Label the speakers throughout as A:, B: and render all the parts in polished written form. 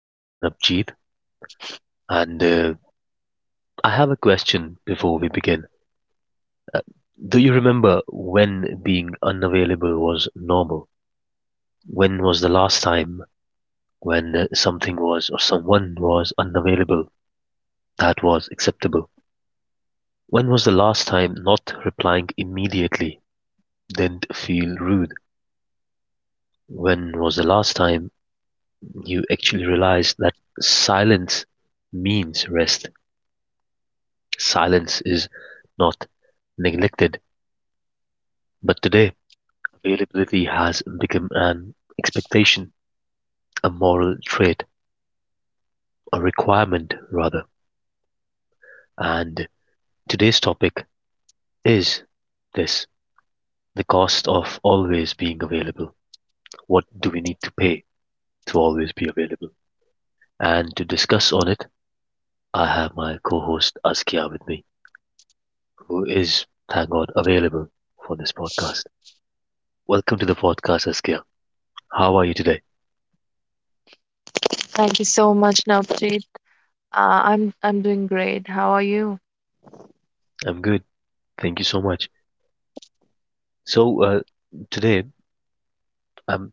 A: I am Napjeet and I have a question before we begin. Do you remember when being unavailable was normal? When was the last time when something was or someone was unavailable that was acceptable? When was the last time not replying immediately didn't feel rude? When was the last time you actually realized that silence means rest? Silence is not neglected, but today availability has become an expectation, a moral trait, a requirement rather. And today's topic is this, the cost of always being available. What do we need to pay to always be available? And to discuss on it, I have my co-host Askia with me, who is, thank God, available for this podcast. Welcome to the podcast, Askia. How are you today?
B: Thank you so much, Navjeet. I'm doing great. How are you?
A: I'm good. Thank you so much. So today, um,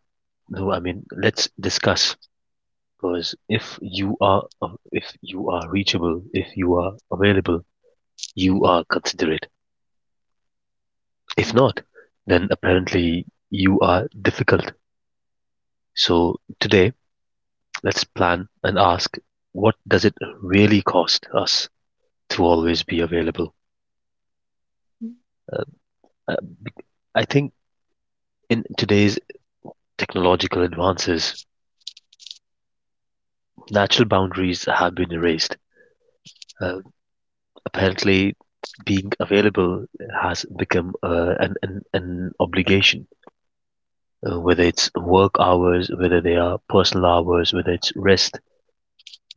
A: no, I mean, let's discuss because if you are reachable, if you are available, you are considerate. If not, then apparently you are difficult. So today, let's plan and ask what does it really cost us to always be available? Uh, I think in today's technological advances, natural boundaries have been erased. Uh, Apparently, being available has become an obligation. Whether it's work hours, whether they are personal hours, whether it's rest,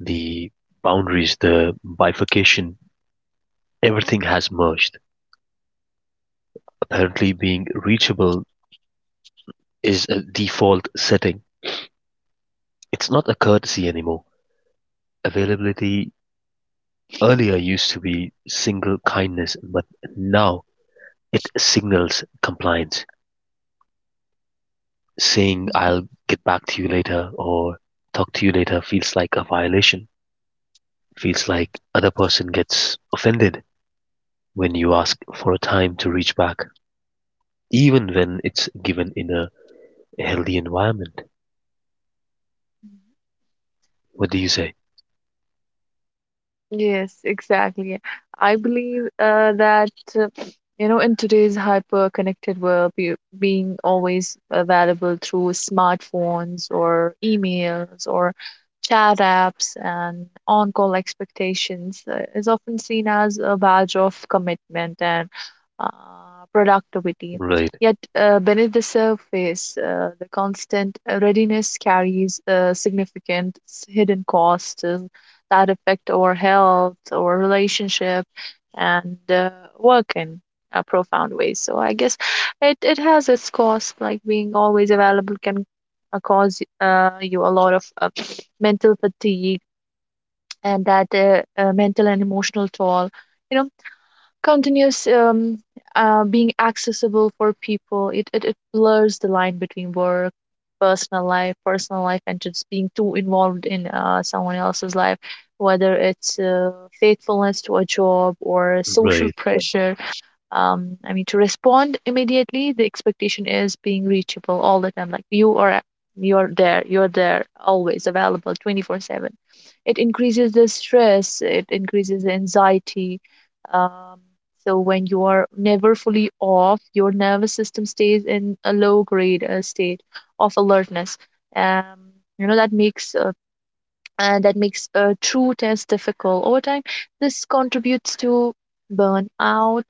A: the boundaries, the bifurcation, everything has merged. Apparently, being reachable is a default setting. It's not a courtesy anymore. Availability earlier used to be single kindness, but now it signals compliance. Saying "I'll get back to you later" or "talk to you later" feels like a violation. Feels like other person gets offended when you ask for a time to reach back, even when it's given in a healthy environment. What do you say?
B: Yes, exactly. I believe that uh, you know, in today's hyper-connected world, being always available through smartphones or emails or chat apps and on-call expectations is often seen as a badge of commitment and uh, productivity.
A: Right,
B: Yet beneath the surface, the constant readiness carries hidden costs that affect our health, our relationship, and work in a profound ways. So I guess it has its cost, like being always available can cause you a lot of mental fatigue and that mental and emotional toll. You know, continuous being accessible for people, it blurs the line between work, personal life, and just being too involved in someone else's life, whether it's faithfulness to a job or social
A: right,
B: pressure. I mean, to respond immediately, the expectation is being reachable all the time. Like you are, you're there, always available, 24/7. It increases the stress, it increases the anxiety. Um, so when you are never fully off, your nervous system stays in a low grade state of alertness. Um, you know, that makes a true test difficult. Over time, this contributes to burnout,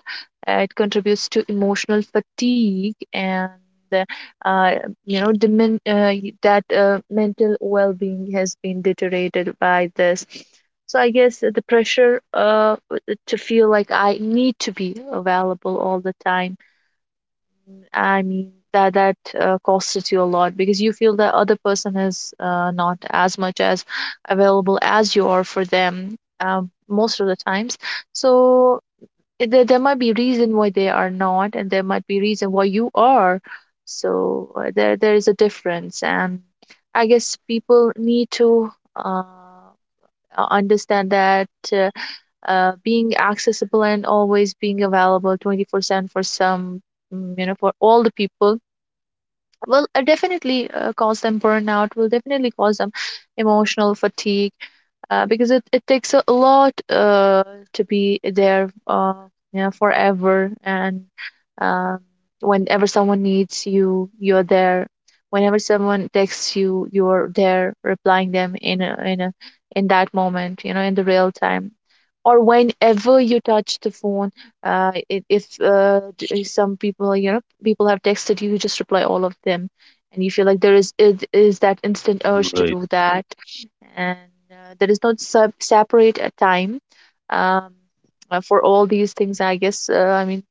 B: it contributes to emotional fatigue, and, uh, uh, you know, that mental well being has been deteriorated by this. So, I guess the pressure to feel like I need to be available all the time, I mean, that costed you a lot because you feel that other person is not as much as available as you are for them most of the times. So, there might be reason why they are not, and there might be reason why you are. So there is a difference, and I guess people need to uh, understand that being accessible and always being available 24/7 for some, mm, you know, for all the people will definitely cause them burnout, will definitely cause them emotional fatigue, because it takes a lot to be there, you know, forever. And um, whenever someone needs you, you're there; whenever someone texts you, you're there replying them in in that moment, you know, in the real time, or whenever you touch the phone, I- if d- some people, you know, people have texted you, you just reply all of them, and you feel like there is, it is that instant urge to
A: right.
B: do that. And there is no sub separate time, um, for all these things, I guess, I mean,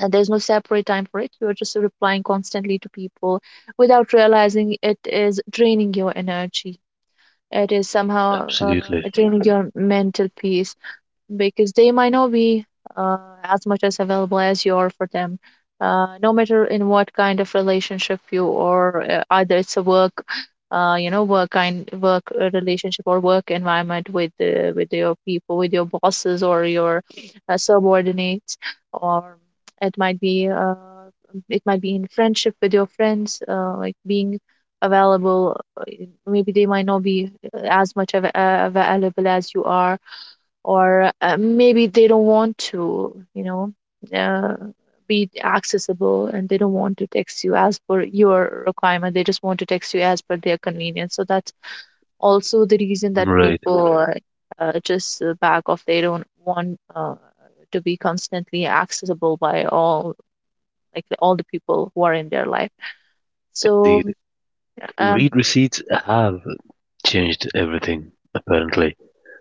B: there's no separate time for it, you're just replying constantly to people without realizing it is draining your energy, it is somehow
A: Absolutely.
B: draining your mental peace, because they might not be uh, as much as available as you are for them. No matter in what kind of relationship you are, either it's a work, you know, work kind work relationship, or work environment with your people, with your bosses or your subordinates, or it might be uh, it might be in friendship with your friends, like being available. Maybe they might not be as much available as you are, or maybe they don't want to, you know, uh, be accessible, and they don't want to text you as per your requirement. They just want to text you as per their convenience. So that's also the reason that
A: Right.
B: people just back off. They don't want to be constantly accessible by all, like all the people who are in their life. So,
A: Indeed,
B: um,
A: read receipts have changed everything, apparently.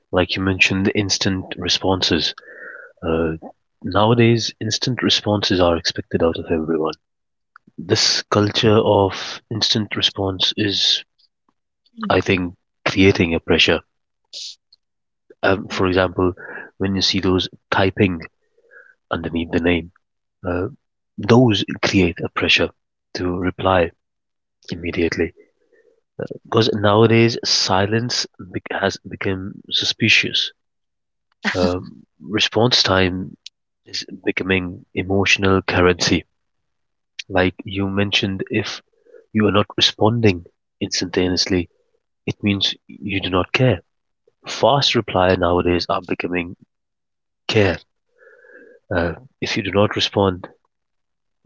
A: Like you mentioned, instant responses. Uh, nowadays, instant responses are expected out of everyone. This culture of instant response is, I think, creating a pressure. For example, when you see those typing underneath the name, uh, those create a pressure to reply immediately. Because nowadays, silence bec has become suspicious. Response time is becoming emotional currency. Like you mentioned, if you are not responding instantaneously, it means you do not care. Fast reply nowadays are becoming care. Uh, if you do not respond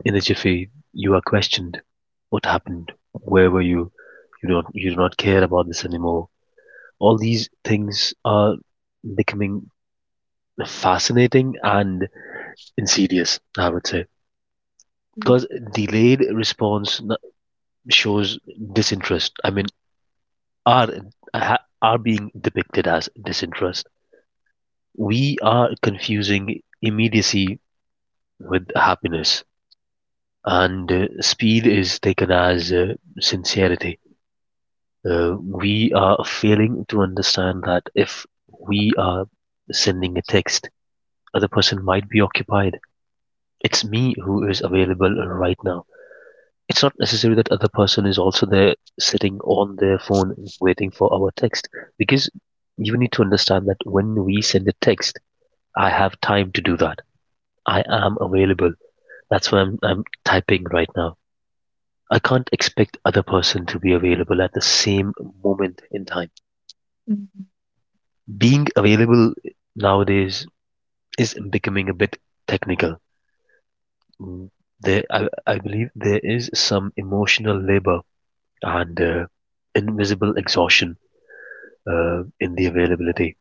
A: in a jiffy, you are questioned. What happened? Where were you? You don't you do not care about this anymore. All these things are becoming fascinating and insidious, I would say. Because
B: Mhm.
A: delayed response n- shows disinterest. I mean, are are being depicted as disinterest. We are confusing immediacy with happiness and speed is taken as sincerity. We are failing to understand that if we are sending a text, other person might be occupied. It's me who is available right now. It's not necessary that other person is also there sitting on their phone waiting for our text because you need to understand that when we send a text, I have time to do that. I am available. That's what I'm typing right now. I can't expect other person to be available at the same moment in time.
B: Mhm.
A: Being available nowadays is becoming a bit technical. Mm, I believe there is some emotional labor and invisible exhaustion in the availability.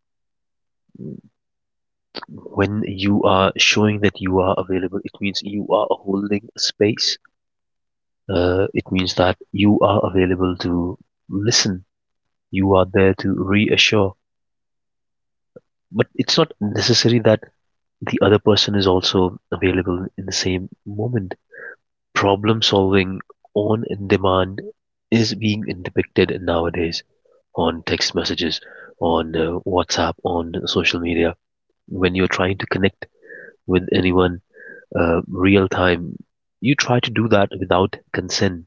A: When you are showing that you are available, it means you are holding space. It means that you are available to listen. You are there to reassure. But it's not necessary that the other person is also available in the same moment. Problem solving on demand is being depicted nowadays on text messages, on WhatsApp, on social media. When you're trying to connect with anyone real time, you try to do that without consent.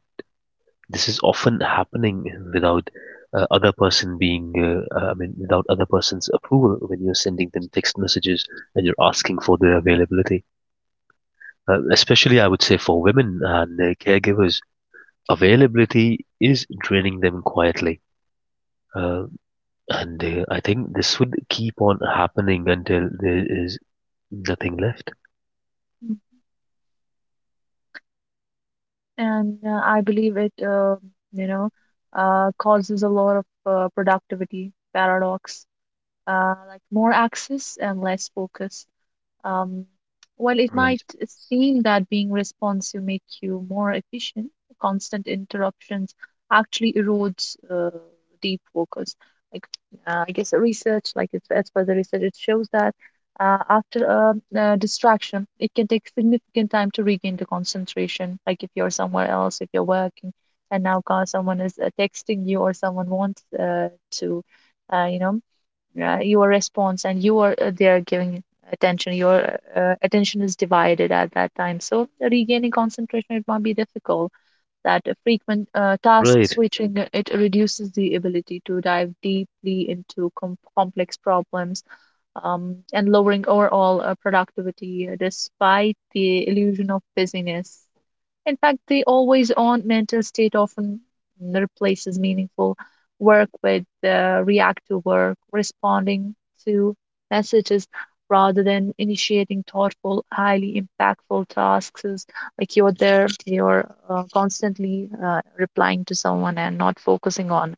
A: This is often happening without I mean, without other person's approval when you're sending them text messages and you're asking for their availability. Uh, especially I would say for women and their caregivers, availability is draining them quietly. Uh, and I think this would keep on happening until there is nothing left.
B: And I believe it, you know, causes a lot of productivity paradox, like more access and less focus. Um, while it might
A: Right.
B: seem that being responsive makes you more efficient, constant interruptions actually erodes deep focus. Like I guess the research, like it's, as per the research, it shows that after a, distraction, it can take significant time to regain the concentration. Like if you're somewhere else, if you're working, and now someone is texting you, or someone wants to, you know, your response, and you are there giving attention your attention is divided at that time, so regaining concentration it might be difficult. That frequent task
A: Right.
B: switching, it reduces the ability to dive deeply into complex problems, and lowering overall productivity despite the illusion of busyness. In fact, the always on mental state often replaces meaningful work with reactive work, responding to messages rather than initiating thoughtful, highly impactful tasks. Is Like you're there, you're constantly replying to someone and not focusing on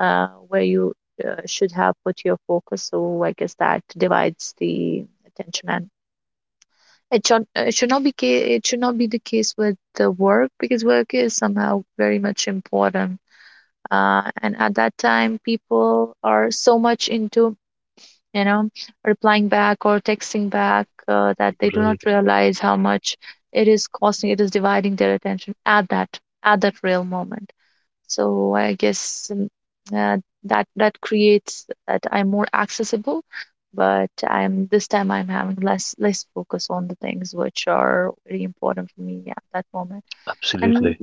B: where you should have put your focus. So I guess that divides the attention, and it should not be the case with the work, because work is somehow very much important, and at that time people are so much into, you know, replying back or texting back, that they do not
A: Right.
B: realize how much it is costing, it is dividing their attention at that real moment. So I guess uh, that creates that I'm more accessible, but I'm this time I'm having less focus on the things which are very important for me at that moment. And
A: Absolutely.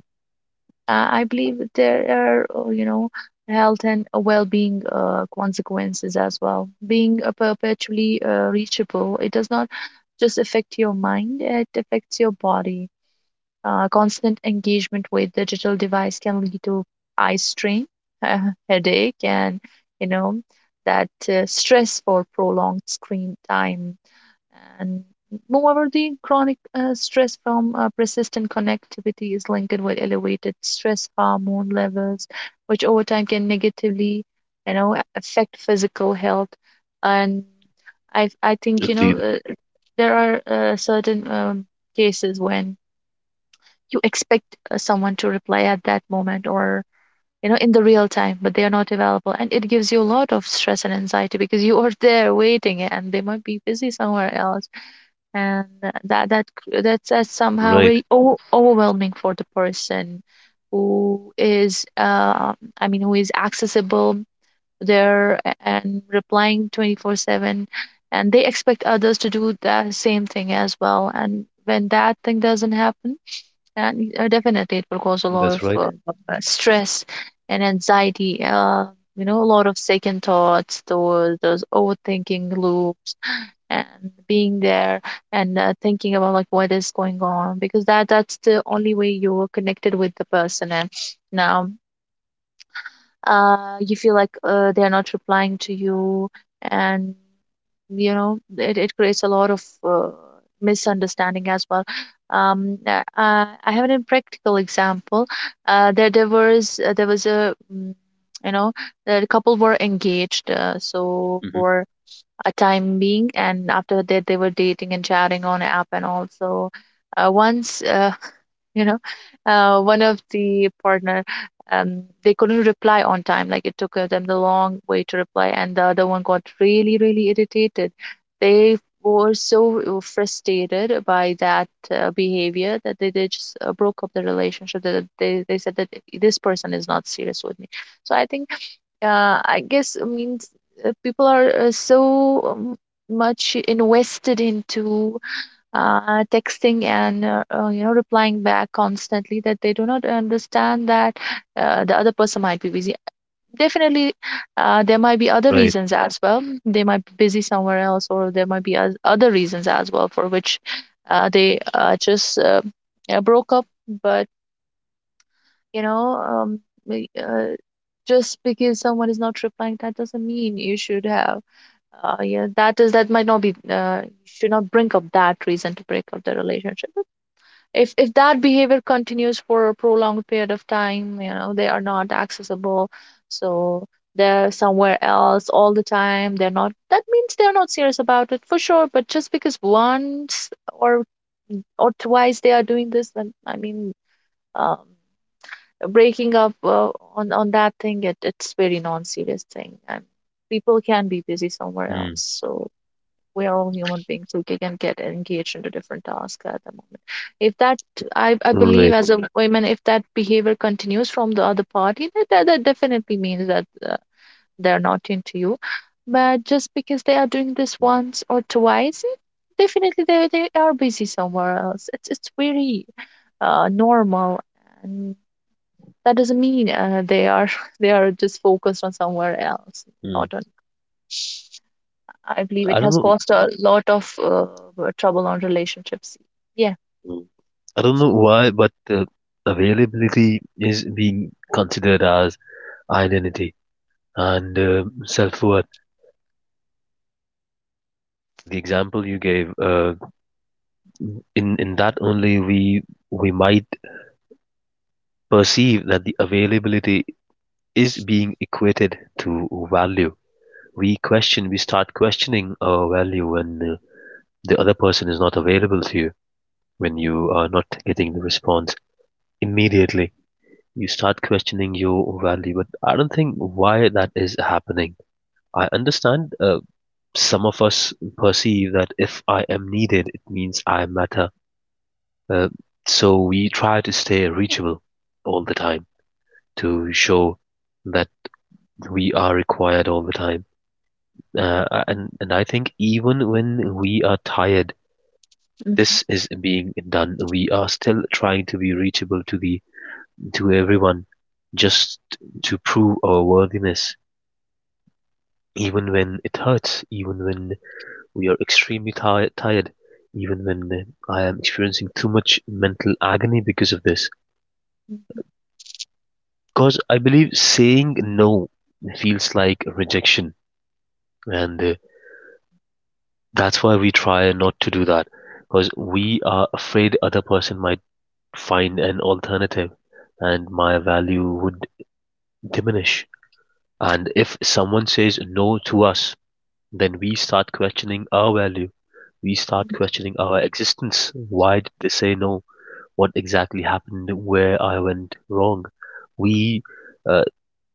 B: I believe that there are you know, health and well-being consequences as well. Being perpetually reachable, it does not just affect your mind; it affects your body. Uh, constant engagement with digital device can lead to eye strain, headache, and you know, that stress for prolonged screen time. And moreover, the chronic stress from persistent connectivity is linked with elevated stress hormone levels, which over time can negatively, you know, affect physical health. And I think, you know,
A: Indeed.
B: there are certain cases when you expect someone to reply at that moment, or you know, in the real time, but they are not available, and it gives you a lot of stress and anxiety, because you are there waiting and they might be busy somewhere else. And that that that's somehow
A: Right.
B: very overwhelming for the person who is I mean, who is accessible there, and replying 24/7, and they expect others to do the same thing as well, and when that thing doesn't happen, and definitely, it will cause a lot
A: That's
B: of
A: right.
B: stress and anxiety. You know, a lot of second thoughts, those overthinking loops, and being there and thinking about like what is going on, because that's the only way you're connected with the person. And now you feel like they're not replying to you, and you know, it creates a lot of misunderstanding as well. um uh, I have an practical example. There was a you know, the couple were engaged so
A: Hmm.
B: for a time being, and after that they were dating and chatting on app, and also once, you know, one of the partner, they couldn't reply on time, like it took them the long way to reply, and the other one got really really irritated. They were so frustrated by that behavior that they just broke up the relationship, that they said that this person is not serious with me. So I think uh, i guess i mean s- people are so much invested into texting and you know, replying back constantly, that they do not understand that the other person might be busy. Definitely there might be other
A: Right.
B: reasons as well, they might be busy somewhere else, or there might be other reasons as well for which they just broke up. But you know, we- uh, just because someone is not replying, that doesn't mean you should have yeah, that is, that might not be, should not bring up that reason to break up the relationship. If that behavior continues for a prolonged period of time, you know, they are not accessible, so they're somewhere else all the time, they're not, that means they're not serious about it for sure. But just because once or twice they are doing this, then I mean, um breaking up on that thing, it's very non-serious thing, and people can be busy somewhere else.
A: Mm.
B: So we are all human beings Who can get engaged into different tasks at the moment. If that, I believe,
A: Right.
B: as a woman, if that behavior continues from the other party, that definitely means that they're not into you. But just because they are doing this once or twice, definitely they are busy somewhere else. It's very normal. And that doesn't mean they are they are just focused on somewhere else,
A: Mm.
B: not on I believe it
A: I don't
B: has
A: know.
B: caused a lot of trouble on relationships. Yeah.
A: Mm. I don't know why, but availability is being considered as identity and self worth. Like the
B: Mm.
A: example you gave, in that only we might perceive that the availability is being equated to value. We start questioning our value when the other person is not available to you, when you are not getting the response immediately. You start questioning your value, but I don't think why that is happening. I understand some of us perceive that if I am needed, it means I matter. Uh, so we try to stay reachable all the time to show that we are required all the time. And I think even when we are tired,
B: Mhm.
A: this is being done. We are still trying to be reachable to the to everyone, just to prove our worthiness. Even when it hurts, even when we are extremely tired, even when I am experiencing too much mental agony because of this. Because I believe saying no feels like rejection, and that's why we try not to do that. Because we are afraid other person might find an alternative, and my value would diminish. And if someone says no to us, then we start questioning our value. We start questioning our existence. Why did they say no? What exactly happened? Where I went wrong? We uh,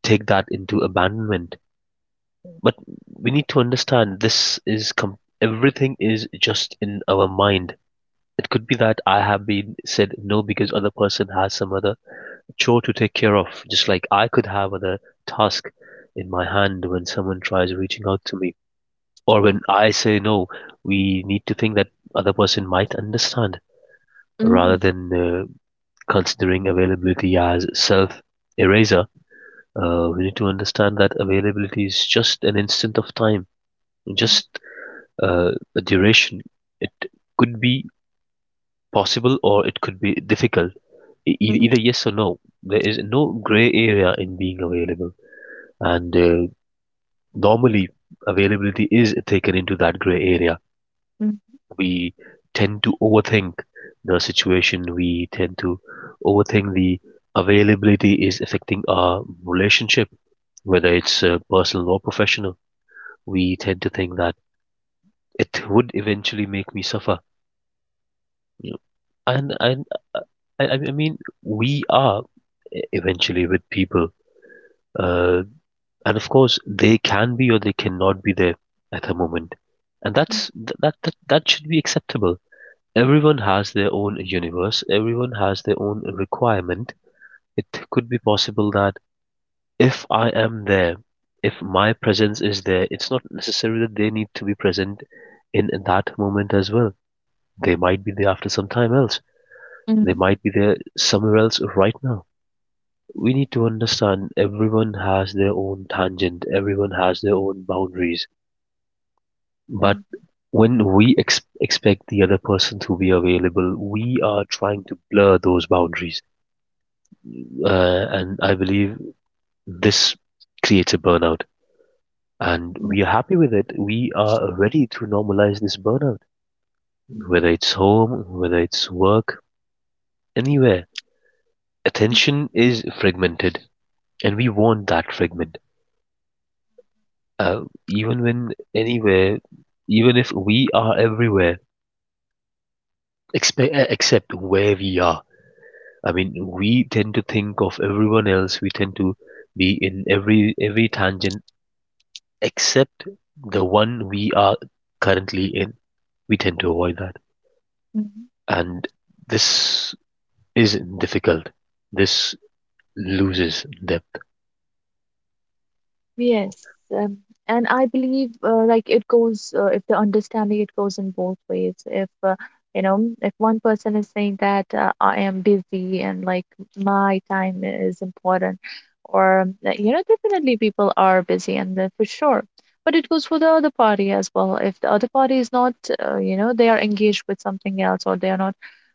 A: take that into abandonment. But we need to understand everything is just in our mind. It could be that I have been said no because other person has some other chore to take care of, just like I could have other task in my hand when someone tries reaching out to me. Or when I say no, we need to think that other person might understand rather
B: Mhm.
A: than considering availability as self eraser. We need to understand that availability is just an instant of time, just uh, duration. It could be possible or it could be difficult.
B: Mhm.
A: Either yes or no. There is no gray area in being available, and normally availability is taken into that gray area.
B: Mhm. Mhm.
A: We tend to overthink the situation. We tend to overthink the availability is affecting our relationship, whether it's personal or professional. We tend to think that it would eventually make me suffer. Yeah. And uh, I mean we are eventually with people, uh, and of course they can be or they cannot be there at the moment, and that's th- that that that should be acceptable. Everyone has their own universe. Everyone has their own requirement. It could be possible that if I am there, if my presence is there, it's not necessary that they need to be present in that moment as well. They might be there after some time else. They
B: Mhm.
A: might be there somewhere else right now. We need to understand everyone has their own tangent, everyone has their own boundaries. But
B: Mhm.
A: when we expect the other person to be available, we are trying to blur those boundaries. And I believe this creates a burnout. And
B: Mhm.
A: we are happy with it. We are ready to normalize this burnout, whether it's home, whether it's work, anywhere.
B: Mhm.
A: Attention is fragmented, and we want that fragment. Uh, even when anywhere, even if we are everywhere, except where we are. I mean, we tend to think of everyone else. We tend to be in every tangent except the one we are currently in. We tend to avoid that,
B: Mhm.
A: and this is difficult. This loses depth.
B: Yes, um, and I believe like it goes if the understanding it goes in both ways. If you know, if one person is saying that I am busy and like my time is important, or definitely people are busy and then for sure. But it goes for the other party as well. If the other party is not, they are engaged with something else or they are not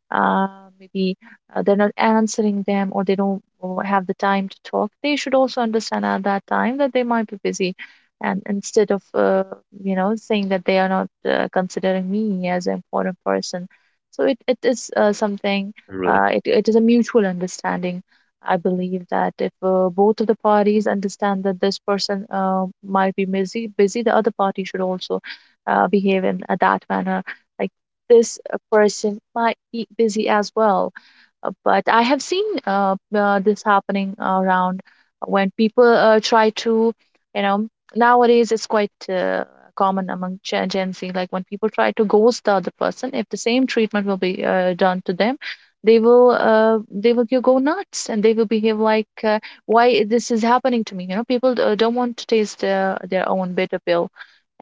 B: uh, maybe they're not answering them or they don't have the time to talk, they should also understand at that time that they might be busy. And instead of, saying that they are not considering me as an important person. So it is something,
A: Right.
B: it is a mutual understanding. I believe that if both of the parties understand that this person might be busy, the other party should also behave in that manner this person might be busy as well. But I have seen this happening around when people try to, you know, nowadays it's quite common among Gen Z, like when people try to ghost the other person, if the same treatment will be done to them, they will go nuts and they will behave like why this is happening to me. You know, people don't want to taste their own bitter pill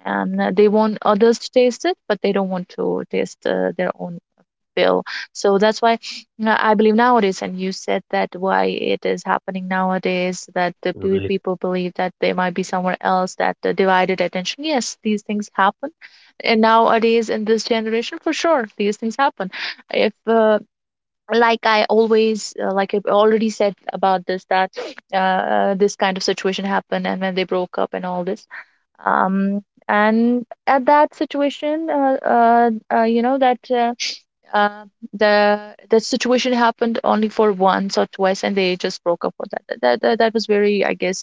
B: and they want others to taste it, but they don't want to taste their own pill. So that's why I believe nowadays, and you said that why it is happening nowadays, that the
A: Right.
B: people believe that they might be somewhere else, that the divided attention. Yes, these things happen, and nowadays in this generation, for sure, these things happen. If like I always like I already said about this that this kind of situation happened and when they broke up and all this um and at that situation you know that uh, the the situation happened only for once or twice and they just broke up for that. That was very I guess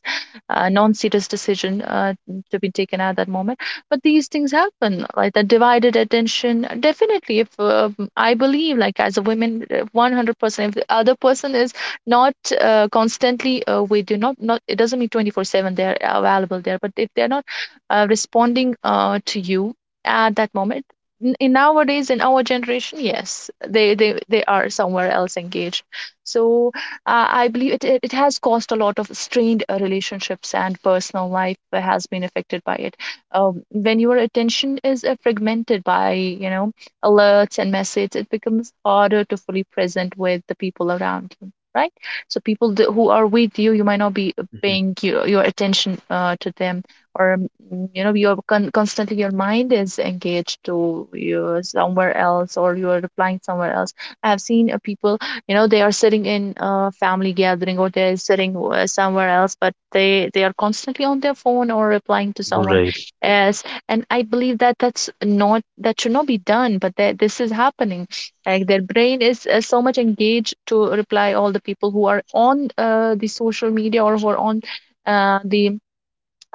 B: non-serious decision to be taken at that moment, but these things happen like the divided attention definitely if I believe like as a woman 100% if the other person is not constantly with you, not it doesn't mean 24/7 they're available there, but if they're not responding to you at that moment. In nowadays in our generation, yes, they are somewhere else engaged, so I believe it has caused a lot of strained relationships, and personal life has been affected by it. When your attention is fragmented by alerts and messages, it becomes harder to fully present with the people around you, right? So people who are with you, you might not be
A: Mhm.
B: paying your attention to them, or you know, you're constantly your mind is engaged to you somewhere else, or you're replying somewhere else. I have seen people, you know, they are sitting in a family gathering or they're sitting somewhere else, but they are constantly on their phone or replying to someone
A: Right.
B: else. And I believe that that should not be done, but that this is happening. Like their brain is so much engaged to reply all the people who are on the social media or who are on the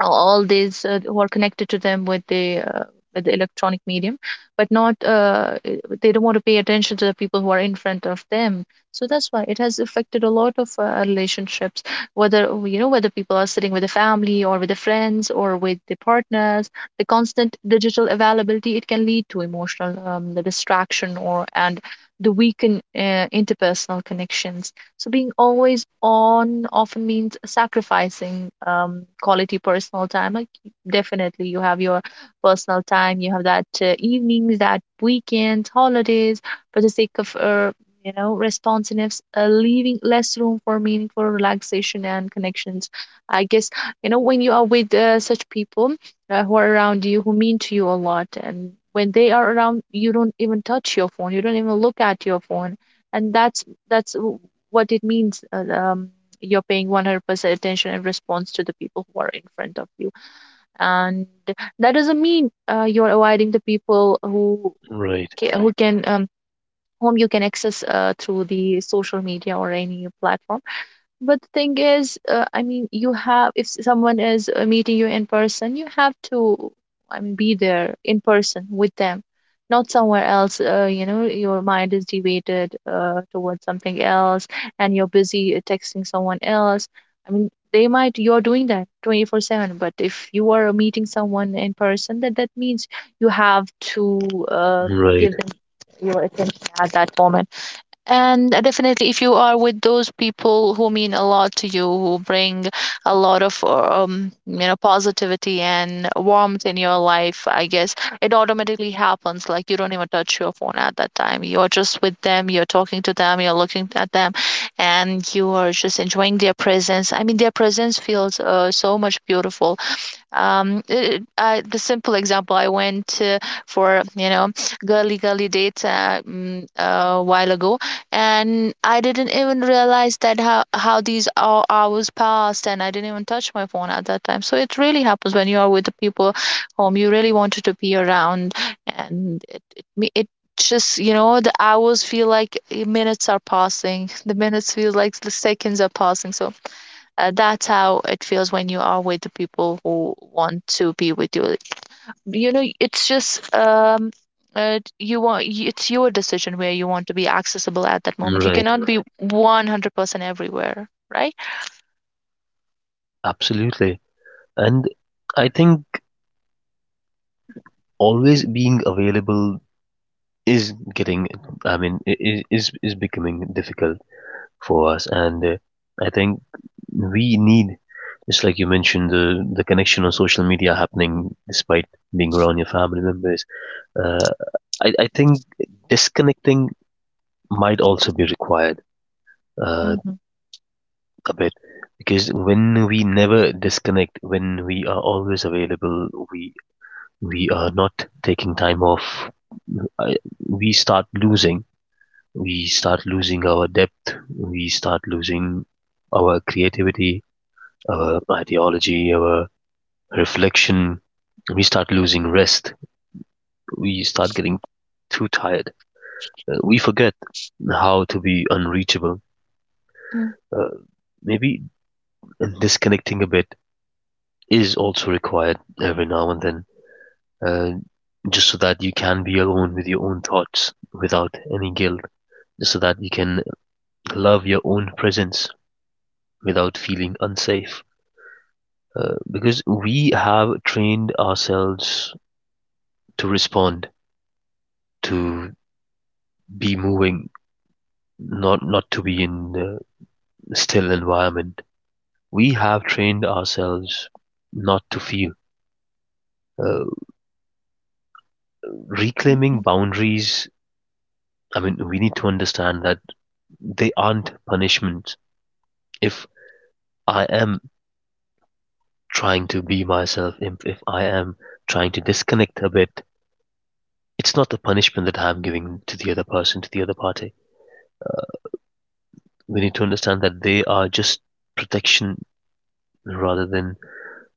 B: all these who are connected to them with the electronic medium, but not they don't want to pay attention to the people who are in front of them. So that's why it has affected a lot of relationships, whether you know whether people are sitting with the family or with the friends or with the partners. The constant digital availability, it can lead to emotional the distraction or and the weaken interpersonal connections. So being always on often means sacrificing quality personal time. Like definitely, you have your personal time, you have that evenings, that weekends, holidays, for the sake of responsiveness, leaving less room for meaningful relaxation and connections. I guess you know when you are with such people who are around you, who mean to you a lot, and when they are around, you don't even touch your phone, you don't even look at your phone. And that's that's what it means you're paying 100% attention and response to the people who are in front of you. And that doesn't mean you're avoiding the people who
A: Right.
B: who can whom you can access through the social media or any platform. But the thing is, I mean, you have, if someone is meeting you in person, you have to, I mean, be there in person with them, not somewhere else. You know, your mind is deviated towards something else, and you're busy texting someone else. I mean, they might, you're doing that 24/7, but if you are meeting someone in person, that that means you have to uh,
A: Right.
B: give them your attention at that moment. And definitely, if you are with those people who mean a lot to you, who bring a lot of positivity and warmth in your life, I guess it automatically happens. Like you don't even touch your phone at that time. You're just with them. You're talking to them. You're looking at them, and you are just enjoying their presence. I mean, their presence feels so much beautiful. The simple example, I went for girly dates, a while ago, and I didn't even realize that how these hours passed, and I didn't even touch my phone at that time. So it really happens when you are with the people whom you really wanted to be around, and it just you know the hours feel like minutes are passing the minutes feel like the seconds are passing. So that's how it feels when you are with the people who want to be with you. Like, you know, it's just you want it's your decision where you want to be accessible at that moment. You
A: Right.
B: cannot be 100% everywhere, right?
A: Absolutely. And I think always being available is getting, I mean, is becoming difficult for us, and I think we need, just like you mentioned, the connection on social media happening despite being around your family members. Uh, I think disconnecting might also be required uh,
B: Mhm,
A: a bit because when we never disconnect, when we are always available, we are not taking time off. I, we start losing, we start losing our depth, we start losing our creativity, our ideology, our reflection, we start losing rest, we start getting too tired. We forget how to be unreachable.
B: mm,
A: Uh, maybe disconnecting a bit is also required every now and then, uh, just so that you can be alone with your own thoughts without any guilt, just so that you can love your own presence without feeling unsafe. Uh, because we have trained ourselves to respond, to be moving, not to be in the still environment. We have trained ourselves not to feel. Uh,
B: mm,
A: reclaiming
B: mm,
A: boundaries. I mean, we need to understand that they aren't punishments. If I am trying to be myself, if I am trying to disconnect a bit, it's not a punishment that I'm giving to the other person, to the other party. We need to understand that they are just protection rather than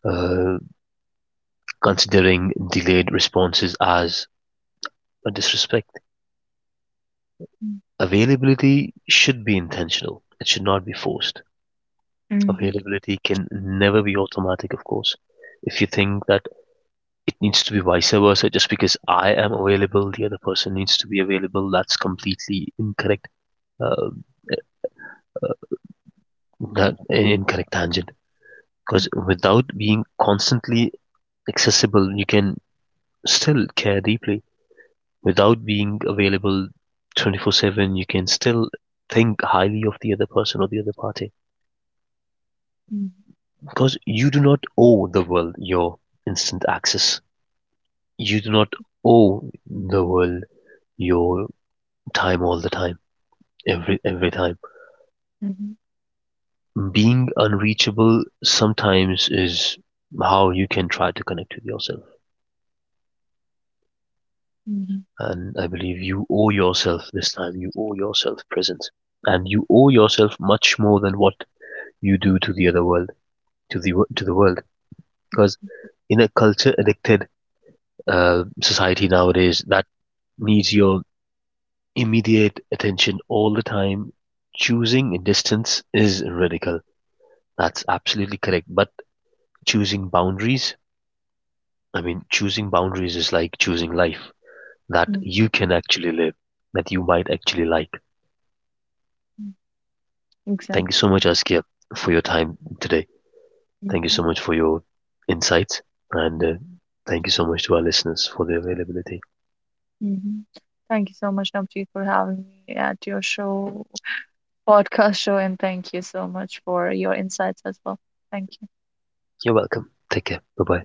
A: uh, considering delayed responses as a disrespect. Availability should be intentional, it should not be forced.
B: mm, mhm,
A: Availability can never be automatic, of course. If you think that it needs to be vice versa, just because I am available, the other person needs to be available, that's completely incorrect, uh, that, incorrect tangent.
B: yeah,
A: Because without being constantly accessible, you can still care deeply without being available 24/7, you can still think highly of the other person or the other party,
B: mhm,
A: because you do not owe the world your instant access, you do not owe the world your time all the time, every time.
B: mhm,
A: Being unreachable sometimes is how you can try to connect with yourself,
B: mhm,
A: and I believe you owe yourself this time, you owe yourself presence, and you owe yourself much more than what you do to the other world, to the world. Because
B: mhm,
A: in a culture addicted society nowadays, that needs your immediate attention all the time. Choosing a distance is radical. That's absolutely correct. But choosing boundaries, I mean, choosing boundaries is like choosing life that
B: mhm,
A: you can actually live, that you might actually like.
B: mhm. Exactly.
A: Thank you so much, Askia, for your time today. Thank you
B: Mhm,
A: so much for your insights. And thank you so much to our listeners for their availability.
B: mhm. Thank you so much, Navjeet, for having me at your show, podcast show, and thank you so much for your insights as well. Thank you.
A: You're welcome. Take care. Bye bye.